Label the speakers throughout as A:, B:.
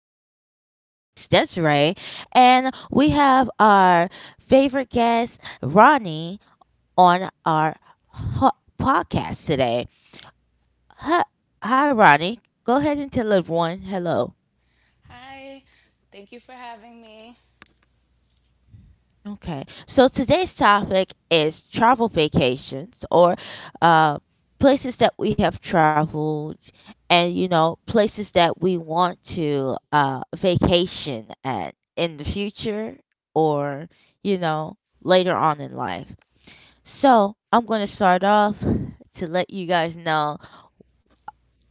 A: host, as always, Desiree. And we have our favorite guest, Ronnie, on our ho- podcast today. Hi, hi, Ronnie. Go ahead and tell everyone hello.
B: Hi, thank you for having me.
A: Okay. So today's topic is travel vacations or uh, places that we have traveled and, you know, places that we want to vacation at in the future or, you know, later on in life. So I'm going to start off to let you guys know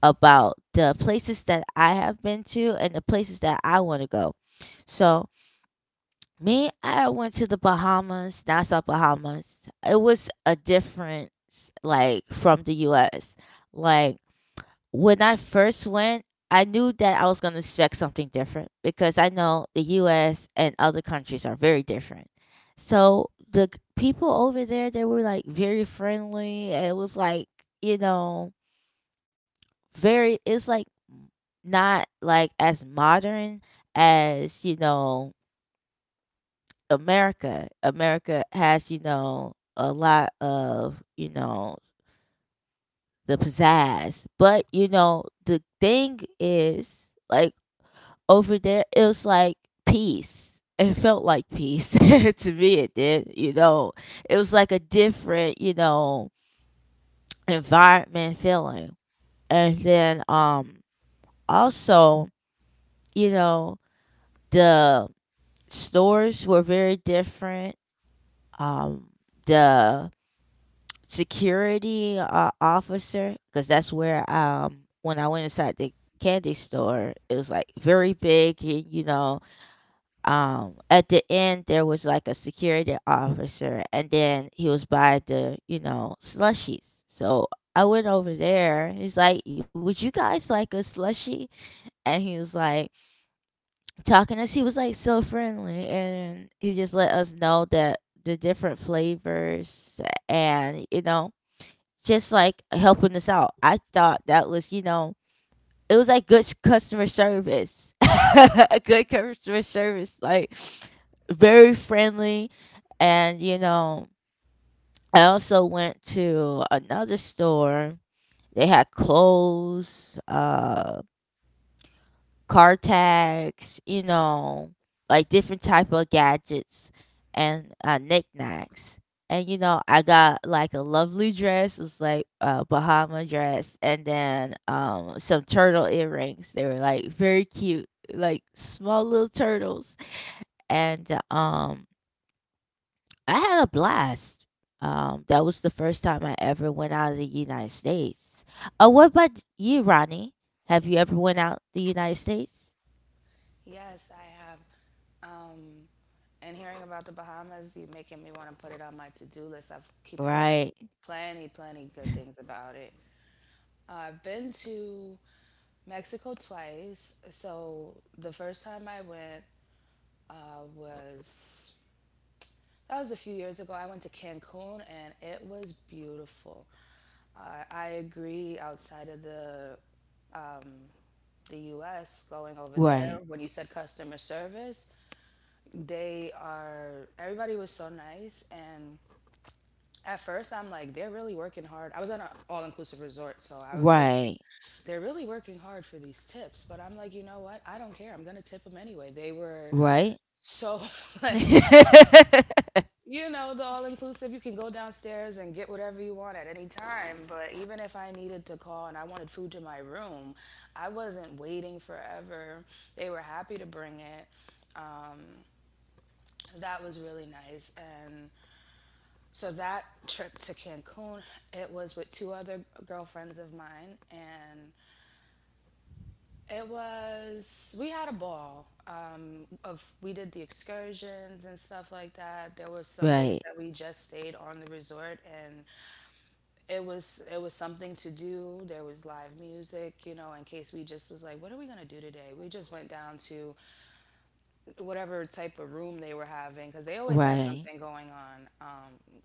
A: about the places that I have been to and the places that I want to go. So me, I went to the Bahamas, Nassau, Bahamas. It was a difference, like from the U.S. Like when I first went, I knew that I was gonna expect something different because I know the U.S. and other countries are very different. So the people over there, they were like very friendly. And it was like you know, very. It's like not like as modern as you know America. America has, you know, a lot of, you know, the pizzazz. But, you know, the thing is, like, over there, it was like peace. It felt like peace to me. It did, you know. It was like a different, you know, environment feeling. And then, also, you know, the stores were very different. Um, the security officer because that's where when I went inside the candy store, it was like very big and you know at the end there was like a security officer, and then he was by the you know slushies. So I went over there, he's like, would you guys like a slushie? And he was like talking to us, he was like so friendly, and he just let us know that the different flavors and you know just like helping us out. I thought that was, you know, it was like good customer service, good customer service, like very friendly. And, you know, I also went to another store. They had clothes, car tags, you know, like different type of gadgets and knickknacks. And you know, I got like a lovely dress. It was like a Bahama dress, and then some turtle earrings. They were like very cute, like small little turtles. And I had a blast. That was the first time I ever went out of the United States. What about you, Ronnie? Have you ever went out the United States?
B: Yes, I have. Um, and hearing about the Bahamas, you making me want to put it on my to-do list. I keep hearing
A: Right.
B: plenty, plenty good things about it. I've been to Mexico twice. So the first time I went uh, was was a few years ago. I went to Cancun and it was beautiful. I agree. Outside of the U.S., going over there
A: Right.
B: when you said customer service, they are everybody was so nice. And at first, I'm like, they're really working hard. I was at an all-inclusive resort, so I was thinking
A: Right.
B: they're really working hard for these tips, but I'm like, you know what, I don't care, I'm gonna tip them anyway. They were
A: Right.
B: so, like, you know, the all-inclusive, you can go downstairs and get whatever you want at any time. But even if I needed to call and I wanted food to my room, I wasn't waiting forever. They were happy to bring it. That was really nice. And so that trip to Cancun, it was with two other girlfriends of mine, and it was we had a ball. Of We did the excursions and stuff like that. There were some days
A: Right.
B: that we just stayed on the resort, and it was something to do. There was live music, you know, in case we just was like, what are we gonna do today? We just went down to whatever type of room they were having, because they always had
A: Right.
B: something going on. Um,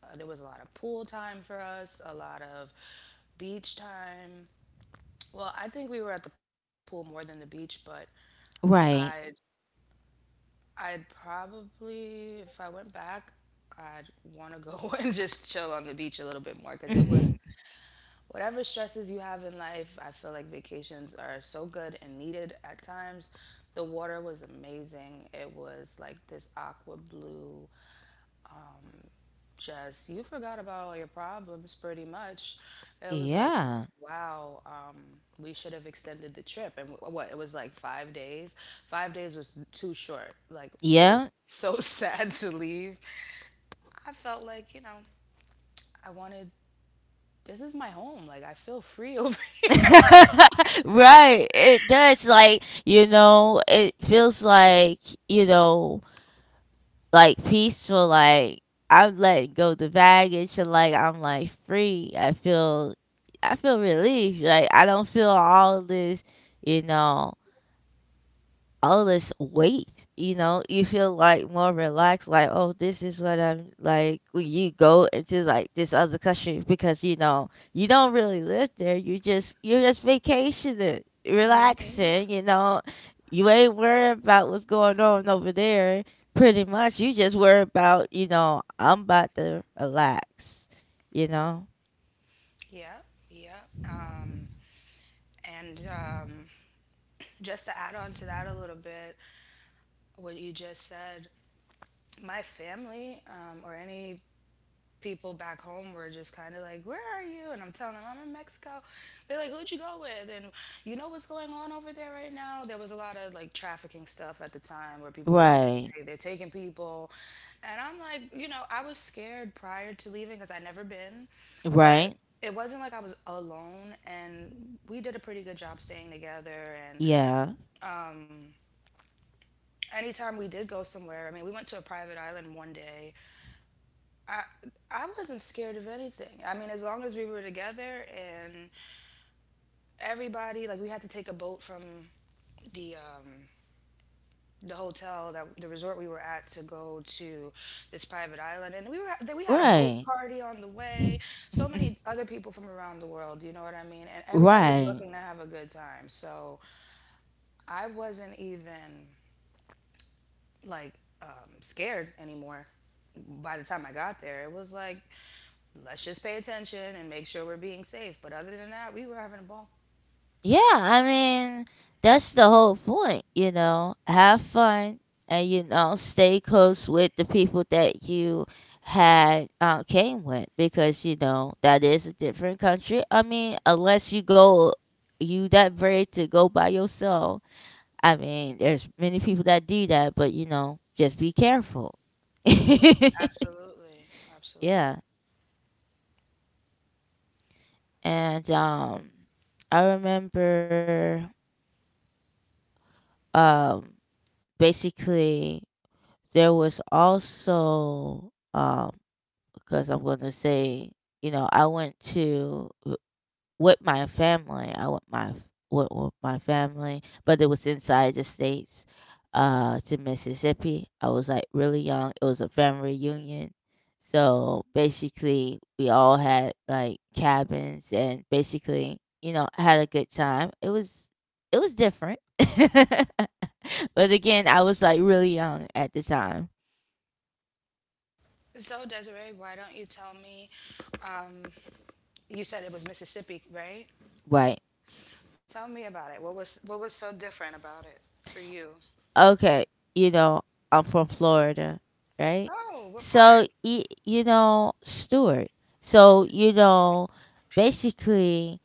B: uh, There was a lot of pool time for us, a lot of beach time. Well, I think we were at the pool more than the beach. But I'd
A: Right.
B: I'd probably, if I went back, I'd want to go and just chill on the beach a little bit more, because it was, whatever stresses you have in life, I feel like vacations are so good and needed at times. The water was amazing. It was like this aqua blue, just, you forgot about all your problems pretty much. It was like,
A: Yeah.
B: wow. We should have extended the trip. And it was like 5 days? 5 days was too short. Like, it
A: Yeah.
B: was so sad to leave. I felt like, you know, I wanted, this is my home. Like, I feel free over
A: Right. It does like, you know, it feels like, you know, like peaceful, like I'm letting go the baggage and like I'm like free. I feel relief. Like I don't feel all this, you know, all this weight, you know, you feel like more relaxed, like, oh, this is what I'm like when you go into like this other country because you know, you don't really live there. You're just vacationing, relaxing, you know. You ain't worried about what's going on over there. Pretty much you just worry about, you know, I'm about to relax, you know?
B: here. Yeah, yeah. And just to add on to that a little bit, what you just said, my family or any people back home were just kind of like, "Where are you?" And I'm telling them, "I'm in Mexico." They're like, "Who'd you go with?" And you know what's going on over there right now? There was a lot of like trafficking stuff at the time where people were saying,
A: Right.
B: "Hey, they're taking people," and I'm like, you know, I was scared prior to leaving because I'd never been. But
A: Right.
B: it wasn't like I was alone, and we did a pretty good job staying together. And
A: Yeah.
B: anytime we did go somewhere, I mean, we went to a private island one day. I wasn't scared of anything. I mean, as long as we were together and everybody, like, we had to take a boat from the um the hotel that, the resort we were at, to go to this private island, and we were, then we had a boat
A: Right.
B: party on the way. So many other people from around the world, you know what I mean, and everybody's
A: Right.
B: looking to have a good time. So I wasn't even like scared anymore. By the time I got there, it was like, let's just pay attention and make sure we're being safe. But other than that, we were having a ball.
A: Yeah, I mean, that's the whole point, you know. Have fun and you know, stay close with the people that you had came with because you know that is a different country. I mean, unless you go you that brave to go by yourself. I mean, there's many people that do that, but you know, just be careful.
B: Absolutely. Absolutely.
A: Yeah. And I remember um basically there was also, because I'm going to say, you know, I went to w- with my family. I went my f- went with my family, but it was inside the states, to Mississippi. I was like really young. It was a family reunion, so basically we all had like cabins and basically, you know, had a good time. It was different. But again, I was like really young at the time.
B: So, Desiree, why don't you tell me? Um, you said it was Mississippi, right?
A: Right.
B: Tell me about it. What was so different about it for you?
A: Okay. You know, I'm from Florida, right?
B: Oh, what
A: So,
B: parts?
A: you know, Stewart. So, you know, basically,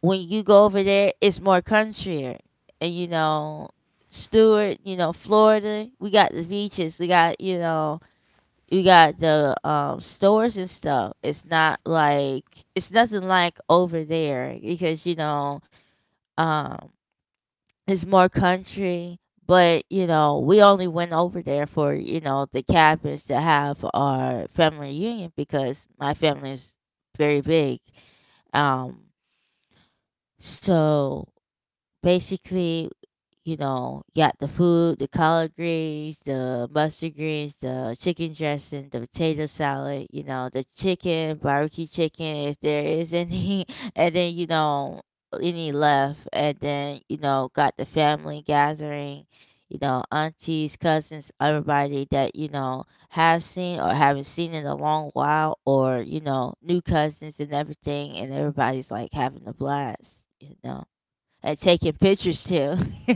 A: when you go over there, it's more countryer. And, you know, Stewart, you know, Florida, we got the beaches. We got, you know, we got the stores and stuff. It's nothing like over there because, you know, um, it's more country, but you know, we only went over there for, you know, the cabins to have our family reunion because my family is very big. Um so basically you know, got the food, the collard greens, the mustard greens, the chicken dressing, the potato salad, you know, the chicken, barbecue chicken, if there is any, and then, you know, any left. And then, you know, got the family gathering, you know, aunties, cousins, everybody that, you know, have seen or haven't seen in a long while, or, you know, new cousins and everything. And everybody's like having a blast, you know and taking pictures too.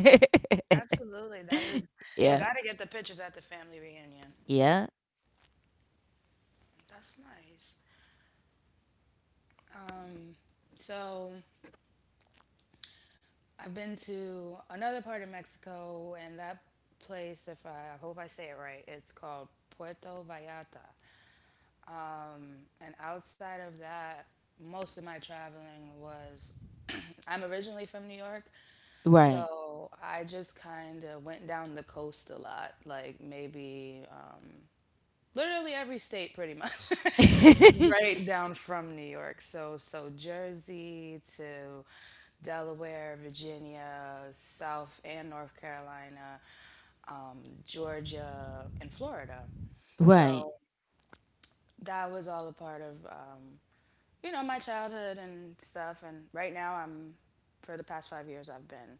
B: Absolutely. That is, you
A: Yeah,
B: got to get the pictures at the family reunion.
A: yeah,
B: That's nice. So, I've been to another part of Mexico, and that place, if I, I hope I say it right, it's called Puerto Vallarta. Um, and outside of that, most of my traveling was, I'm originally from New York,
A: right,
B: so I just kind of went down the coast a lot, like maybe literally every state pretty much. Right down from New York. So Jersey to Delaware, Virginia, South and North Carolina, um, Georgia, and Florida.
A: right,
B: So that was all a part of you know, my childhood and stuff. And right now, for the past 5 years, I've been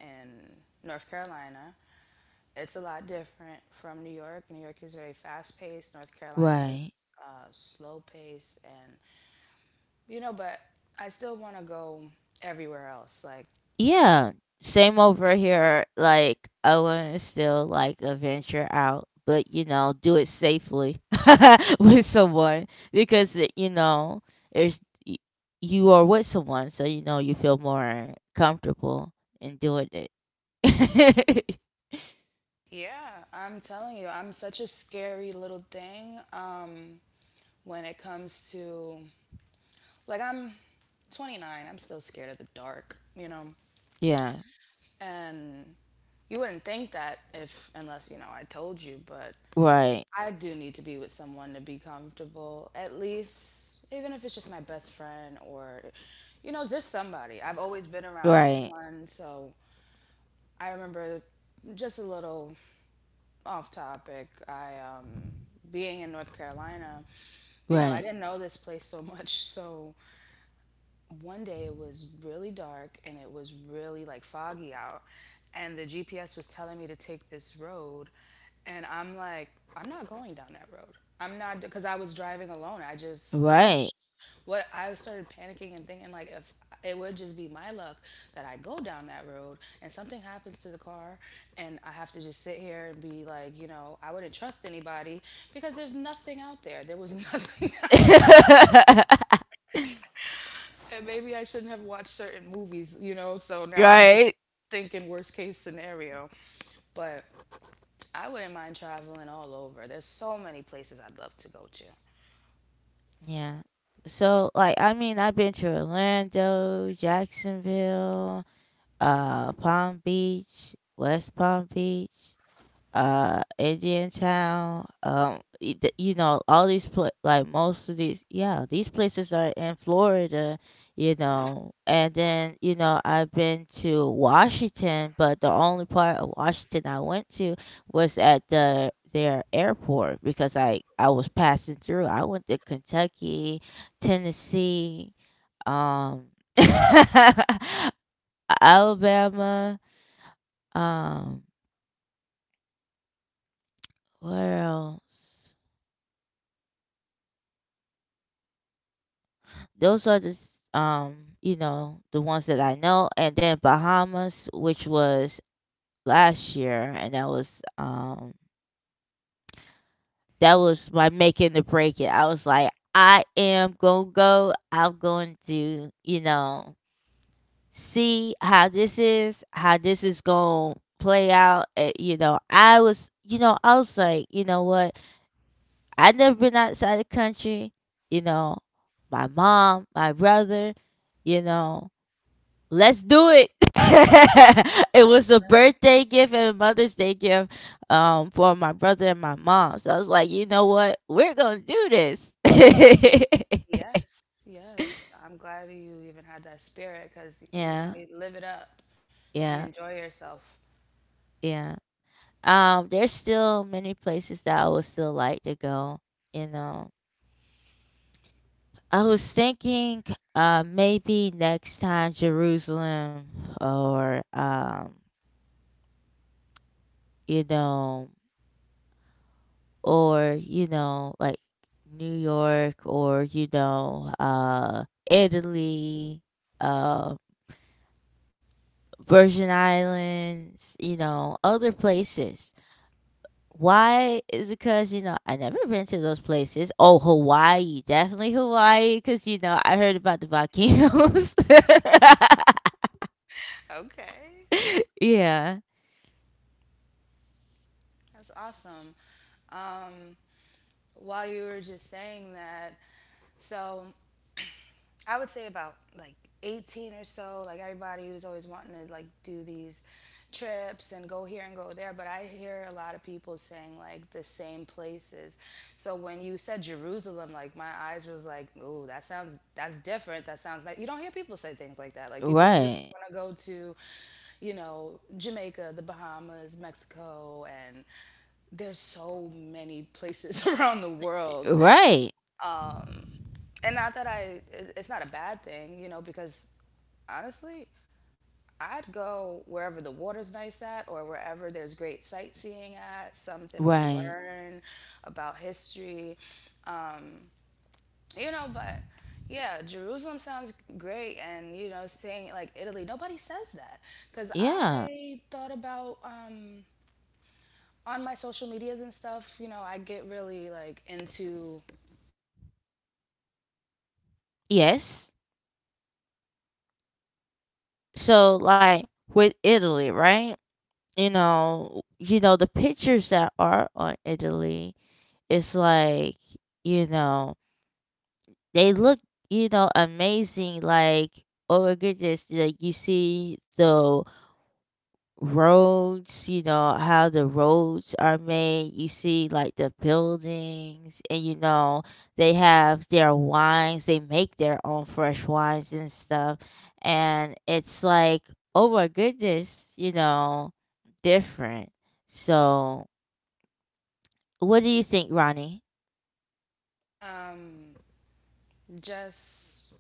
B: in North Carolina. It's a lot different from New York. New York is very fast paced, North Carolina is
A: right.
B: slow paced. And, you know, but I still want to go everywhere else. Like,
A: Yeah, same over here. Like I want to still like a venture out, but you know, do it safely with someone because you know there's y- you are with someone, so you know you feel more comfortable in doing it.
B: yeah, I'm telling you, I'm such a scary little thing, when it comes to, like, I'm 29, I'm still scared of the dark, you know?
A: Yeah,
B: And you wouldn't think that if, unless, you know, I told you. But
A: right,
B: I do need to be with someone to be comfortable, at least, even if it's just my best friend or, you know, just somebody. I've always been around
A: right,
B: someone. So I remember, just a little off topic, being in North Carolina, you know, I
A: right.
B: didn't know this place so much. So one day it was really dark and it was really like foggy out, and the GPS was telling me to take this road, and I'm like, I'm not going down that road. I'm not, because I was driving alone. I just, I'm sh-
A: Right.
B: what I started panicking and thinking like, if it would just be my luck that I go down that road and something happens to the car, and I have to just sit here and be like, you know, I wouldn't trust anybody, because there's nothing out there. There was nothing out there. Maybe I shouldn't have watched certain movies, you know? So now I'm just
A: Right?
B: thinking worst case scenario. But I wouldn't mind traveling all over. There's so many places I'd love to go to.
A: Yeah. So like I mean I've been to Orlando, Jacksonville, Palm Beach, West Palm Beach. Uh Indian town. You know, like most of these, yeah, these places are in Florida. You know, and then you know I've been to Washington, but the only part of Washington I went to was at the their airport because I was passing through. I went to Kentucky, Tennessee, um, Alabama, um, where else? Those are the you know, the ones that I know. And then Bahamas, which was last year, and that was my making the break it. I was like, I am gonna go. I'm going to, you know, see how this is gonna play out. You know, I was, you know, I was like, you know what? I never been outside the country. You know, my mom, my brother, you know. Let's do it. It was
B: That's
A: a
B: right.
A: birthday gift and a Mother's Day gift for my brother and my mom. So I was like, you know what? We're going to do this.
B: Yes, yes. I'm glad you even had that spirit, because you know
A: Yeah,
B: you live it up and
A: yeah,
B: enjoy yourself.
A: yeah. There's still many places that I would still like to go. You know, I was thinking maybe next time Jerusalem or, you know, or you know like New York or you know Italy uh Virgin Islands, you know, other places. Why is because you know I never been to those places. Oh, Hawaii, definitely Hawaii, cuz you know I heard about the volcanoes.
B: Okay,
A: Yeah,
B: that's awesome. Um, while you were just saying that, so I would say about like 18 or so, like everybody was always wanting to like do these trips and go here and go there, but I hear a lot of people saying like the same places. So when you said Jerusalem, like my eyes was like, "Ooh, that sounds, that's different." That sounds like, you don't hear people say things like that. Like people just
A: right,
B: want to go to, you know, Jamaica, the Bahamas, Mexico, and there's so many places around the world.
A: right,
B: And not that it- it's not a bad thing, you know, because honestly, I'd go wherever the water's nice at, or wherever there's great sightseeing at, something to
A: right,
B: learn about history. Um, you know, but yeah, Jerusalem sounds great. And, you know, saying like Italy, nobody says that. Because
A: yeah,
B: I thought about, on my social medias and stuff, you know, I get really like into
A: yes. So like with Italy, right, you know the pictures that are on Italy. It's like you know they look you know amazing. Like oh my goodness, like you see the roads. You know how the roads are made. You see like the buildings, and you know they have their wines. They make their own fresh wines and stuff, and it's like oh my goodness, you know different. So what do you think, Ronnie?
B: um, just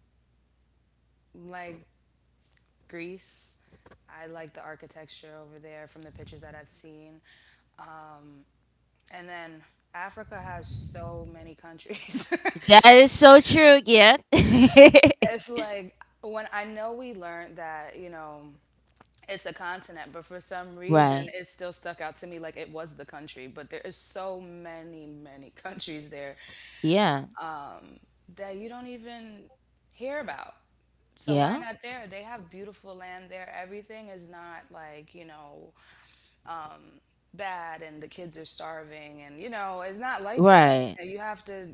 B: like Greece. I like the architecture over there from the pictures that I've seen. Um, and then Africa has so many countries.
A: That is so true. Yeah.
B: It's like, when I, know we learned that, you know, it's a continent, but for some reason
A: Right.
B: it still stuck out to me like it was the country. But there is so many, many countries there
A: Yeah.
B: that you don't even hear about. So why
A: Yeah.
B: not there? They have beautiful land there. Everything is not like, you know, bad and the kids are starving, and you know it's not like that.
A: Right.
B: You know, you have to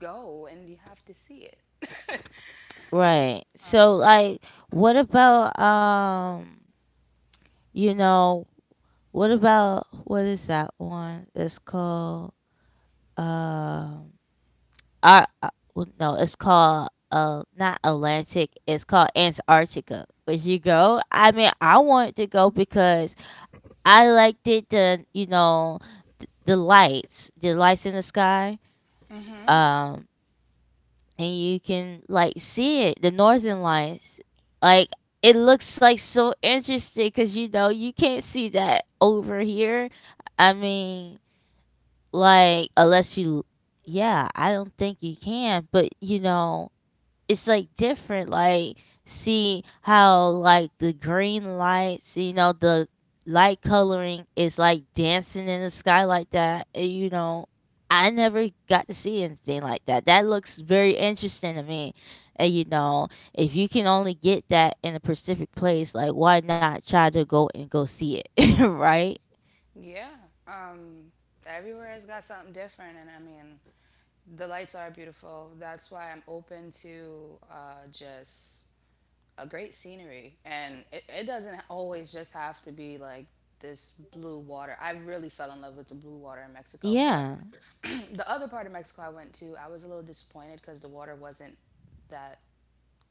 B: go and you have to see it.
A: Right. So like what about you know what about what is that one? It's called um I well, no, it's called not Atlantic, it's called Antarctica. Would you go? I mean I want to go because I liked it the you know the lights in the sky. Um, and you can like see it, the northern lights. Like it looks like so interesting because you know you can't see that over here. I mean, like unless you, yeah, I don't think you can. But you know, it's like different like see how like the green lights you know the light coloring is like dancing in the sky like that, and you know I never got to see anything like that. That looks very interesting to me, and you know if you can only get that in a specific place, like why not try to go and go see it. Right.
B: Yeah. um Everywhere has got something different. And I mean, the lights are beautiful, that's why I'm open to just a great scenery. And it doesn't always just have to be like this blue water. I really fell in love with the blue water in Mexico, but
A: Yeah.
B: the other part of Mexico I went to, I was a little disappointed because the water wasn't that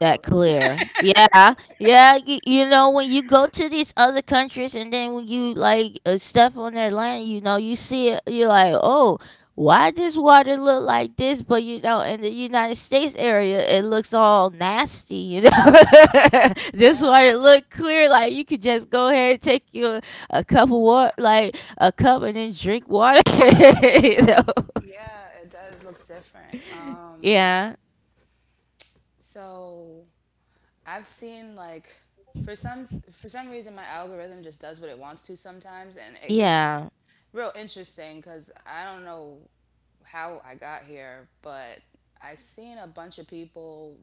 A: That clear. Yeah, yeah. You know, when you go to these other countries and then when you like step on their land, you know, you see it. You're like, oh, why does water look like this? But you know, in the United States area, it looks all nasty. You know, this
B: Yeah,
A: water look clear. Like you could just go ahead and take you a cup of water, like a cup, and then drink water. You know.
B: yeah, it does. It looks different.
A: Yeah.
B: So I've seen like, for some for some reason my algorithm just does what it wants to sometimes, and it gets
A: Yeah.
B: real interesting, because I don't know how I got here, but I seen a bunch of people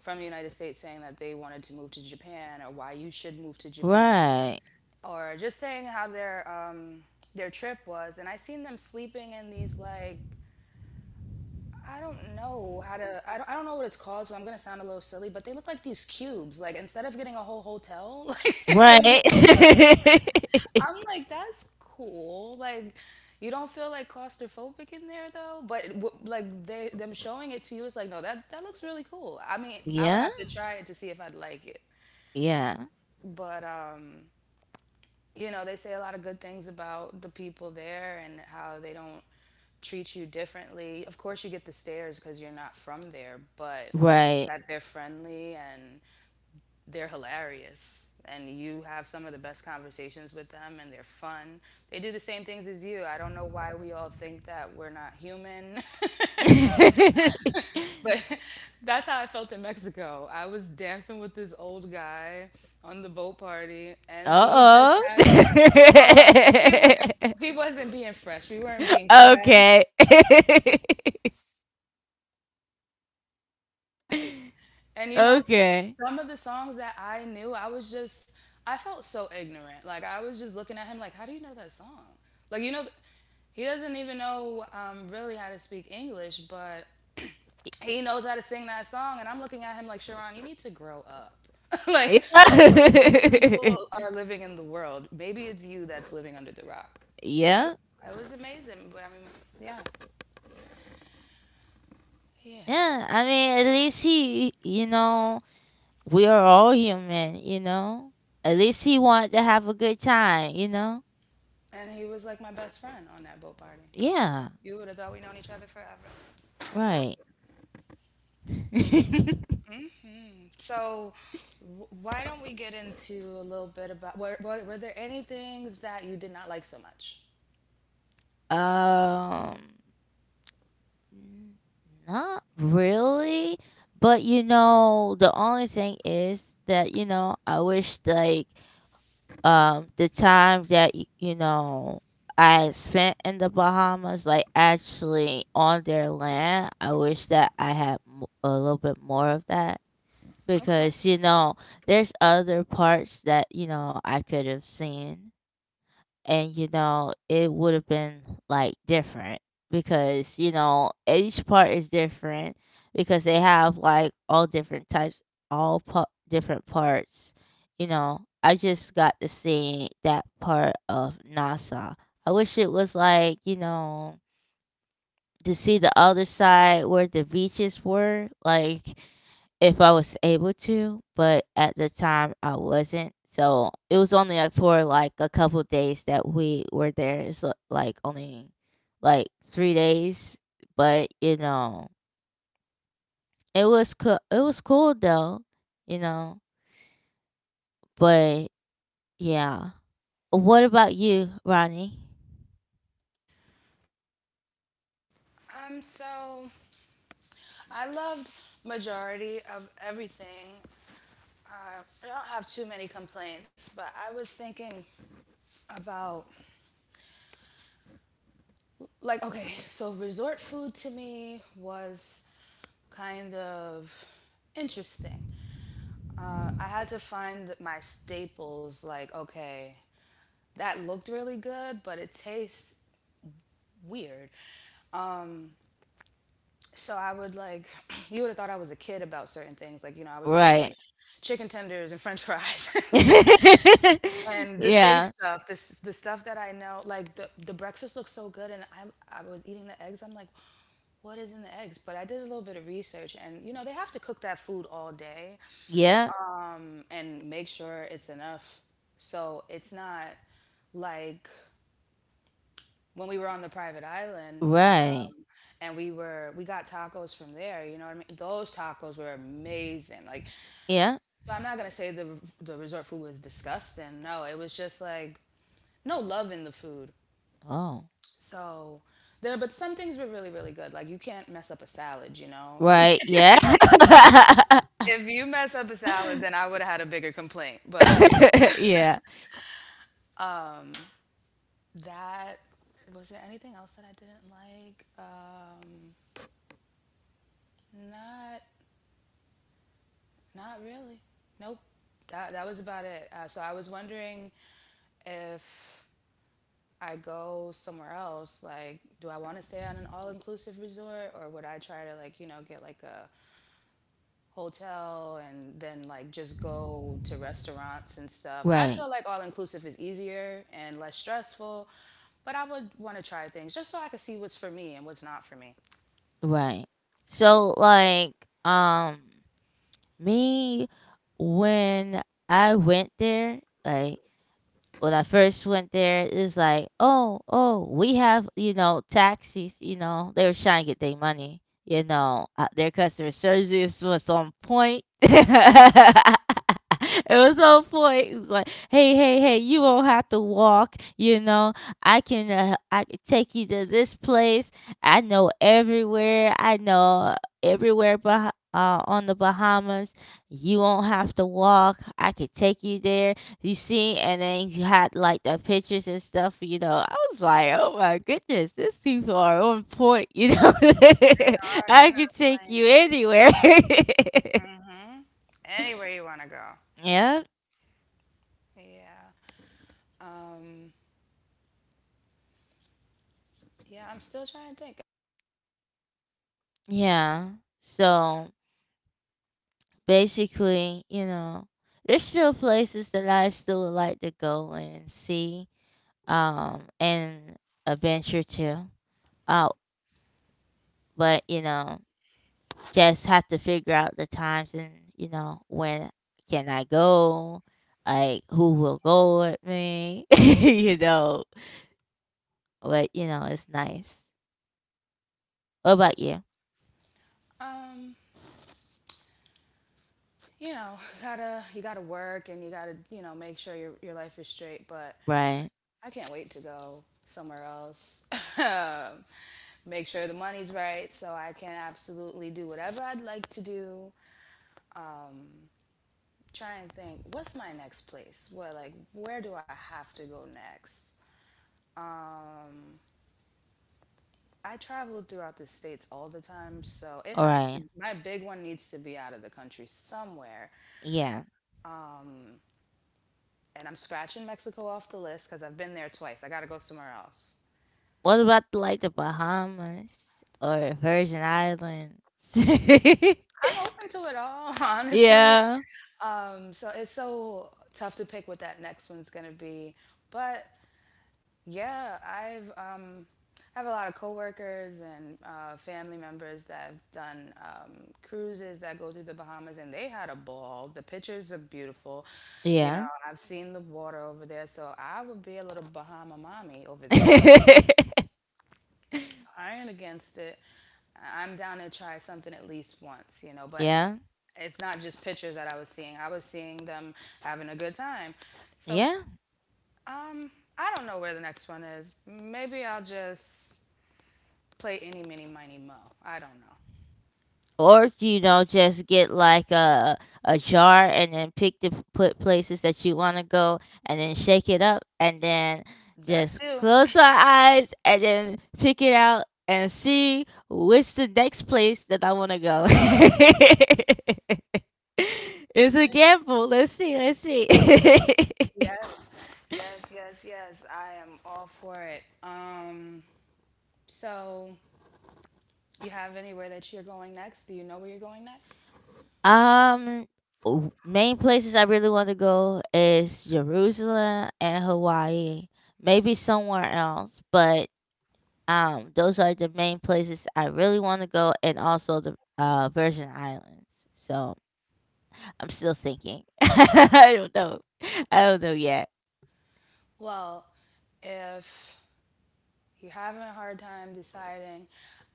B: from the United States saying that they wanted to move to Japan, or why you should move to Japan,
A: Right.
B: or just saying how their trip was. And I seen them sleeping in these like, I don't know how to. I don't know what it's called, so I'm gonna sound a little silly, but they look like these cubes. Like instead of getting a whole hotel, like it
A: Right.
B: would, I'm like that's cool. Like you don't feel like claustrophobic in there though. But like they them showing it to you is like, no, that that looks really cool. I mean, I would
A: Yeah,
B: have to try it to see if I'd like it.
A: yeah,
B: But. You know, they say a lot of good things about the people there and how they don't treat you differently. Of course, you get the stares because you're not from there, but
A: right.
B: that they're friendly and they're hilarious. And you have some of the best conversations with them, and they're fun. They do the same things as you. I don't know why we all think that we're not human. But that's how I felt in Mexico. I was dancing with this old guy on the boat party, and he just
A: Uh-oh.
B: had, oh, well, he was he wasn't being fresh. We weren't being fresh.
A: Okay.
B: Happy, and you know,
A: Okay.
B: some of the songs that I knew, I was just, I felt so ignorant. Like I was just looking at him like, how do you know that song? Like, you know, he doesn't even know, really, how to speak English, but he knows how to sing that song. And I'm looking at him like, Sharon, you need to grow up. Like, these
A: Yeah.
B: people are living in the world. Maybe it's you that's living under the rock. I,
A: Yeah.
B: I was amazing. But I mean, yeah. Yeah.
A: Yeah. I mean, at least he, we are all human, At least he wanted to have a good time,
B: And he was like my best friend on that boat party.
A: Yeah,
B: You would have thought we known each other forever.
A: right.
B: So, why don't we get into a little bit about, were there any things that you did not like so much?
A: Um, N- Not really, but you know, the only thing is that you know, I wish like the time that you know I spent in the Bahamas, like actually on their land, I wish that I had a little bit more of that
B: Okay.
A: because you know, there's other parts that you know I could have seen, and you know it would have been like different because you know each part is different because they have like all different types, all different parts. You know, I just got to see that part of Nasa. I wish it was, like, you know, to see the other side where the beaches were like, if I was able to, but at the time I wasn't. So it was only like for like a couple days that we were there. It's like only like 3 days, but you know it was cool though, you know. But yeah, what about you, Ronnie?
B: So I loved majority of everything. Uh, I don't have too many complaints, but I was thinking about, like, okay, so resort food to me was kind of interesting. I had to find my staples. Like, okay, that looked really good, but it tastes weird. So I would like you would have thought I was a kid about certain things. Like, you know, I was getting
A: Right.
B: like chicken tenders and French fries. And the safe
A: yeah.
B: stuff, this the stuff that I know, like the breakfast looks so good, and I was eating the eggs. I'm like, what is in the eggs? But I did a little bit of research, and you know, they have to cook that food all day
A: Yeah.
B: and make sure it's enough, so it's not like when we were on the private island,
A: Right.
B: and we got tacos from there. You know what I mean? Those tacos were amazing. Like,
A: Yeah.
B: so I'm not gonna say the resort food was disgusting. No, it was just like no love in the food.
A: Oh.
B: So there, but some things were really, really good. Like, you can't mess up a salad, you know. You,
A: Right. Yeah.
B: if you mess up a salad, then I would have had a bigger complaint. But
A: yeah.
B: that, was there anything else that I didn't like? Not, not really. Nope. That was about it. So I was wondering if I go somewhere else, like, do I want to stay on an all-inclusive resort, or would I try to, like, you know, get like a hotel and then like just go to restaurants and stuff. I
A: Right,
B: feel like all inclusive is easier and less stressful, but I would want to try things just so I could see what's for me and what's not for me.
A: right. So like, um me, when I went there, like when I first went there, it was like, oh, oh, we have, you know, taxis, you know, they were trying to get their money. You know, their customer service was on point. It was on point. It was like, hey, hey, hey, you won't have to walk. You know, I can take you to this place. I know everywhere. I know everywhere on the Bahamas. You won't have to walk. I could take you there, you see, and then you had like the pictures and stuff, you know. I was like, oh my goodness, these people are on point, you know.
B: They are,
A: I
B: they're
A: could take
B: not
A: you anywhere.
B: playing. Mm-hmm. Anywhere you want to go.
A: yeah,
B: Yeah. Um, yeah, I'm still trying to think.
A: yeah. So basically, you know, there's still places that I still would like to go and see, and adventure to. Uh, but you know, just have to figure out the times and, you know, when can I go? Like, who will go with me? You know? But, you know, it's nice. What about you?
B: Um, you know, gotta you gotta work, and you gotta, you know, make sure your life is straight, but
A: Right.
B: I can't wait to go somewhere else. Make sure the money's right so I can absolutely do whatever I'd like to do. Try and think, what's my next place? Where, like, where do I have to go next? I travel throughout the states all the time, so it has to,
A: Alright.
B: my big one needs to be out of the country somewhere.
A: Yeah.
B: And I'm scratching Mexico off the list cuz I've been there twice. I got to go somewhere else.
A: What about, like, the Bahamas or Virgin Islands?
B: I'm open to it all, honestly.
A: Yeah.
B: So it's so tough to pick what that next one's gonna be. But yeah, I've I have a lot of coworkers and family members that have done cruises that go through the Bahamas, and they had a ball. The pictures are beautiful. You know,
A: Yeah.
B: I've seen the water over there, so I would be a little Bahama mommy over there. I ain't against it. Am down to try something at least once, you know, but
A: Yeah.
B: it's not just pictures that I was seeing. I was seeing them having a good time. So,
A: Yeah.
B: um, I don't know where the next one is. Maybe I'll just play any mini miny mo. I don't know.
A: Or you know, just get like a jar and then pick the put places that you want to go, and then shake it up, and then
B: That
A: just
B: too.
A: close our eyes and then pick it out and see which the next place that I want to go. It's a gamble. Let's see. Let's see.
B: Yes. Yes, yes, yes, I am all for it. Um, so you have anywhere that you're going next? Do you know where you're going next?
A: um main places I really want to go is Jerusalem and Hawaii. Maybe somewhere else, but um, those are the main places I really want to go, and also the Virgin Islands. So I'm still thinking. I don't know. I don't know yet.
B: Well, if you're having a hard time deciding,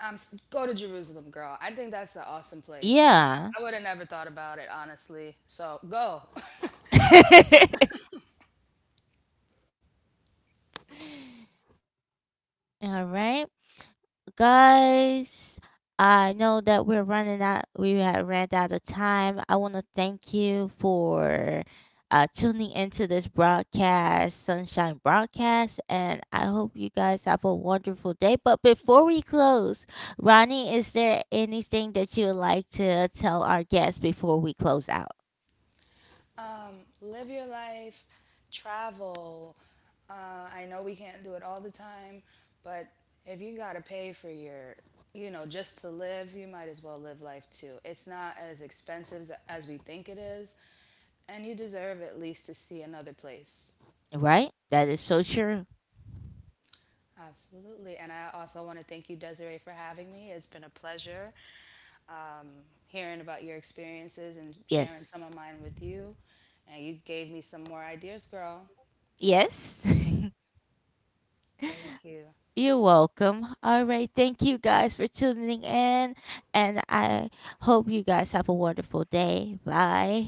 B: go to Jerusalem, girl. I think that's an awesome place.
A: Yeah.
B: I would have never thought about it, honestly. So go.
A: All right, guys. I know that we're running out. We have ran out of time. I want to thank you for tuning into this broadcast, Sunshine Broadcast, and I hope you guys have a wonderful day. But before we close, Ronnie, is there anything that you would like to tell our guests before we close out?
B: Live your life, travel. Uh, I know we can't do it all the time, but if you gotta pay for your, you know, just to live, you might as well live life too. It's not as expensive as we think it is, and you deserve at least to see another place.
A: Right? That is so true.
B: Absolutely. And I also want to thank you, Desiree, for having me. It's been a pleasure, um, hearing about your experiences and sharing
A: Yes.
B: some of mine with you. And you gave me some more ideas, girl.
A: Yes.
B: Thank you.
A: You're welcome. All right. Thank you guys for tuning in. And I hope you guys have a wonderful day. Bye.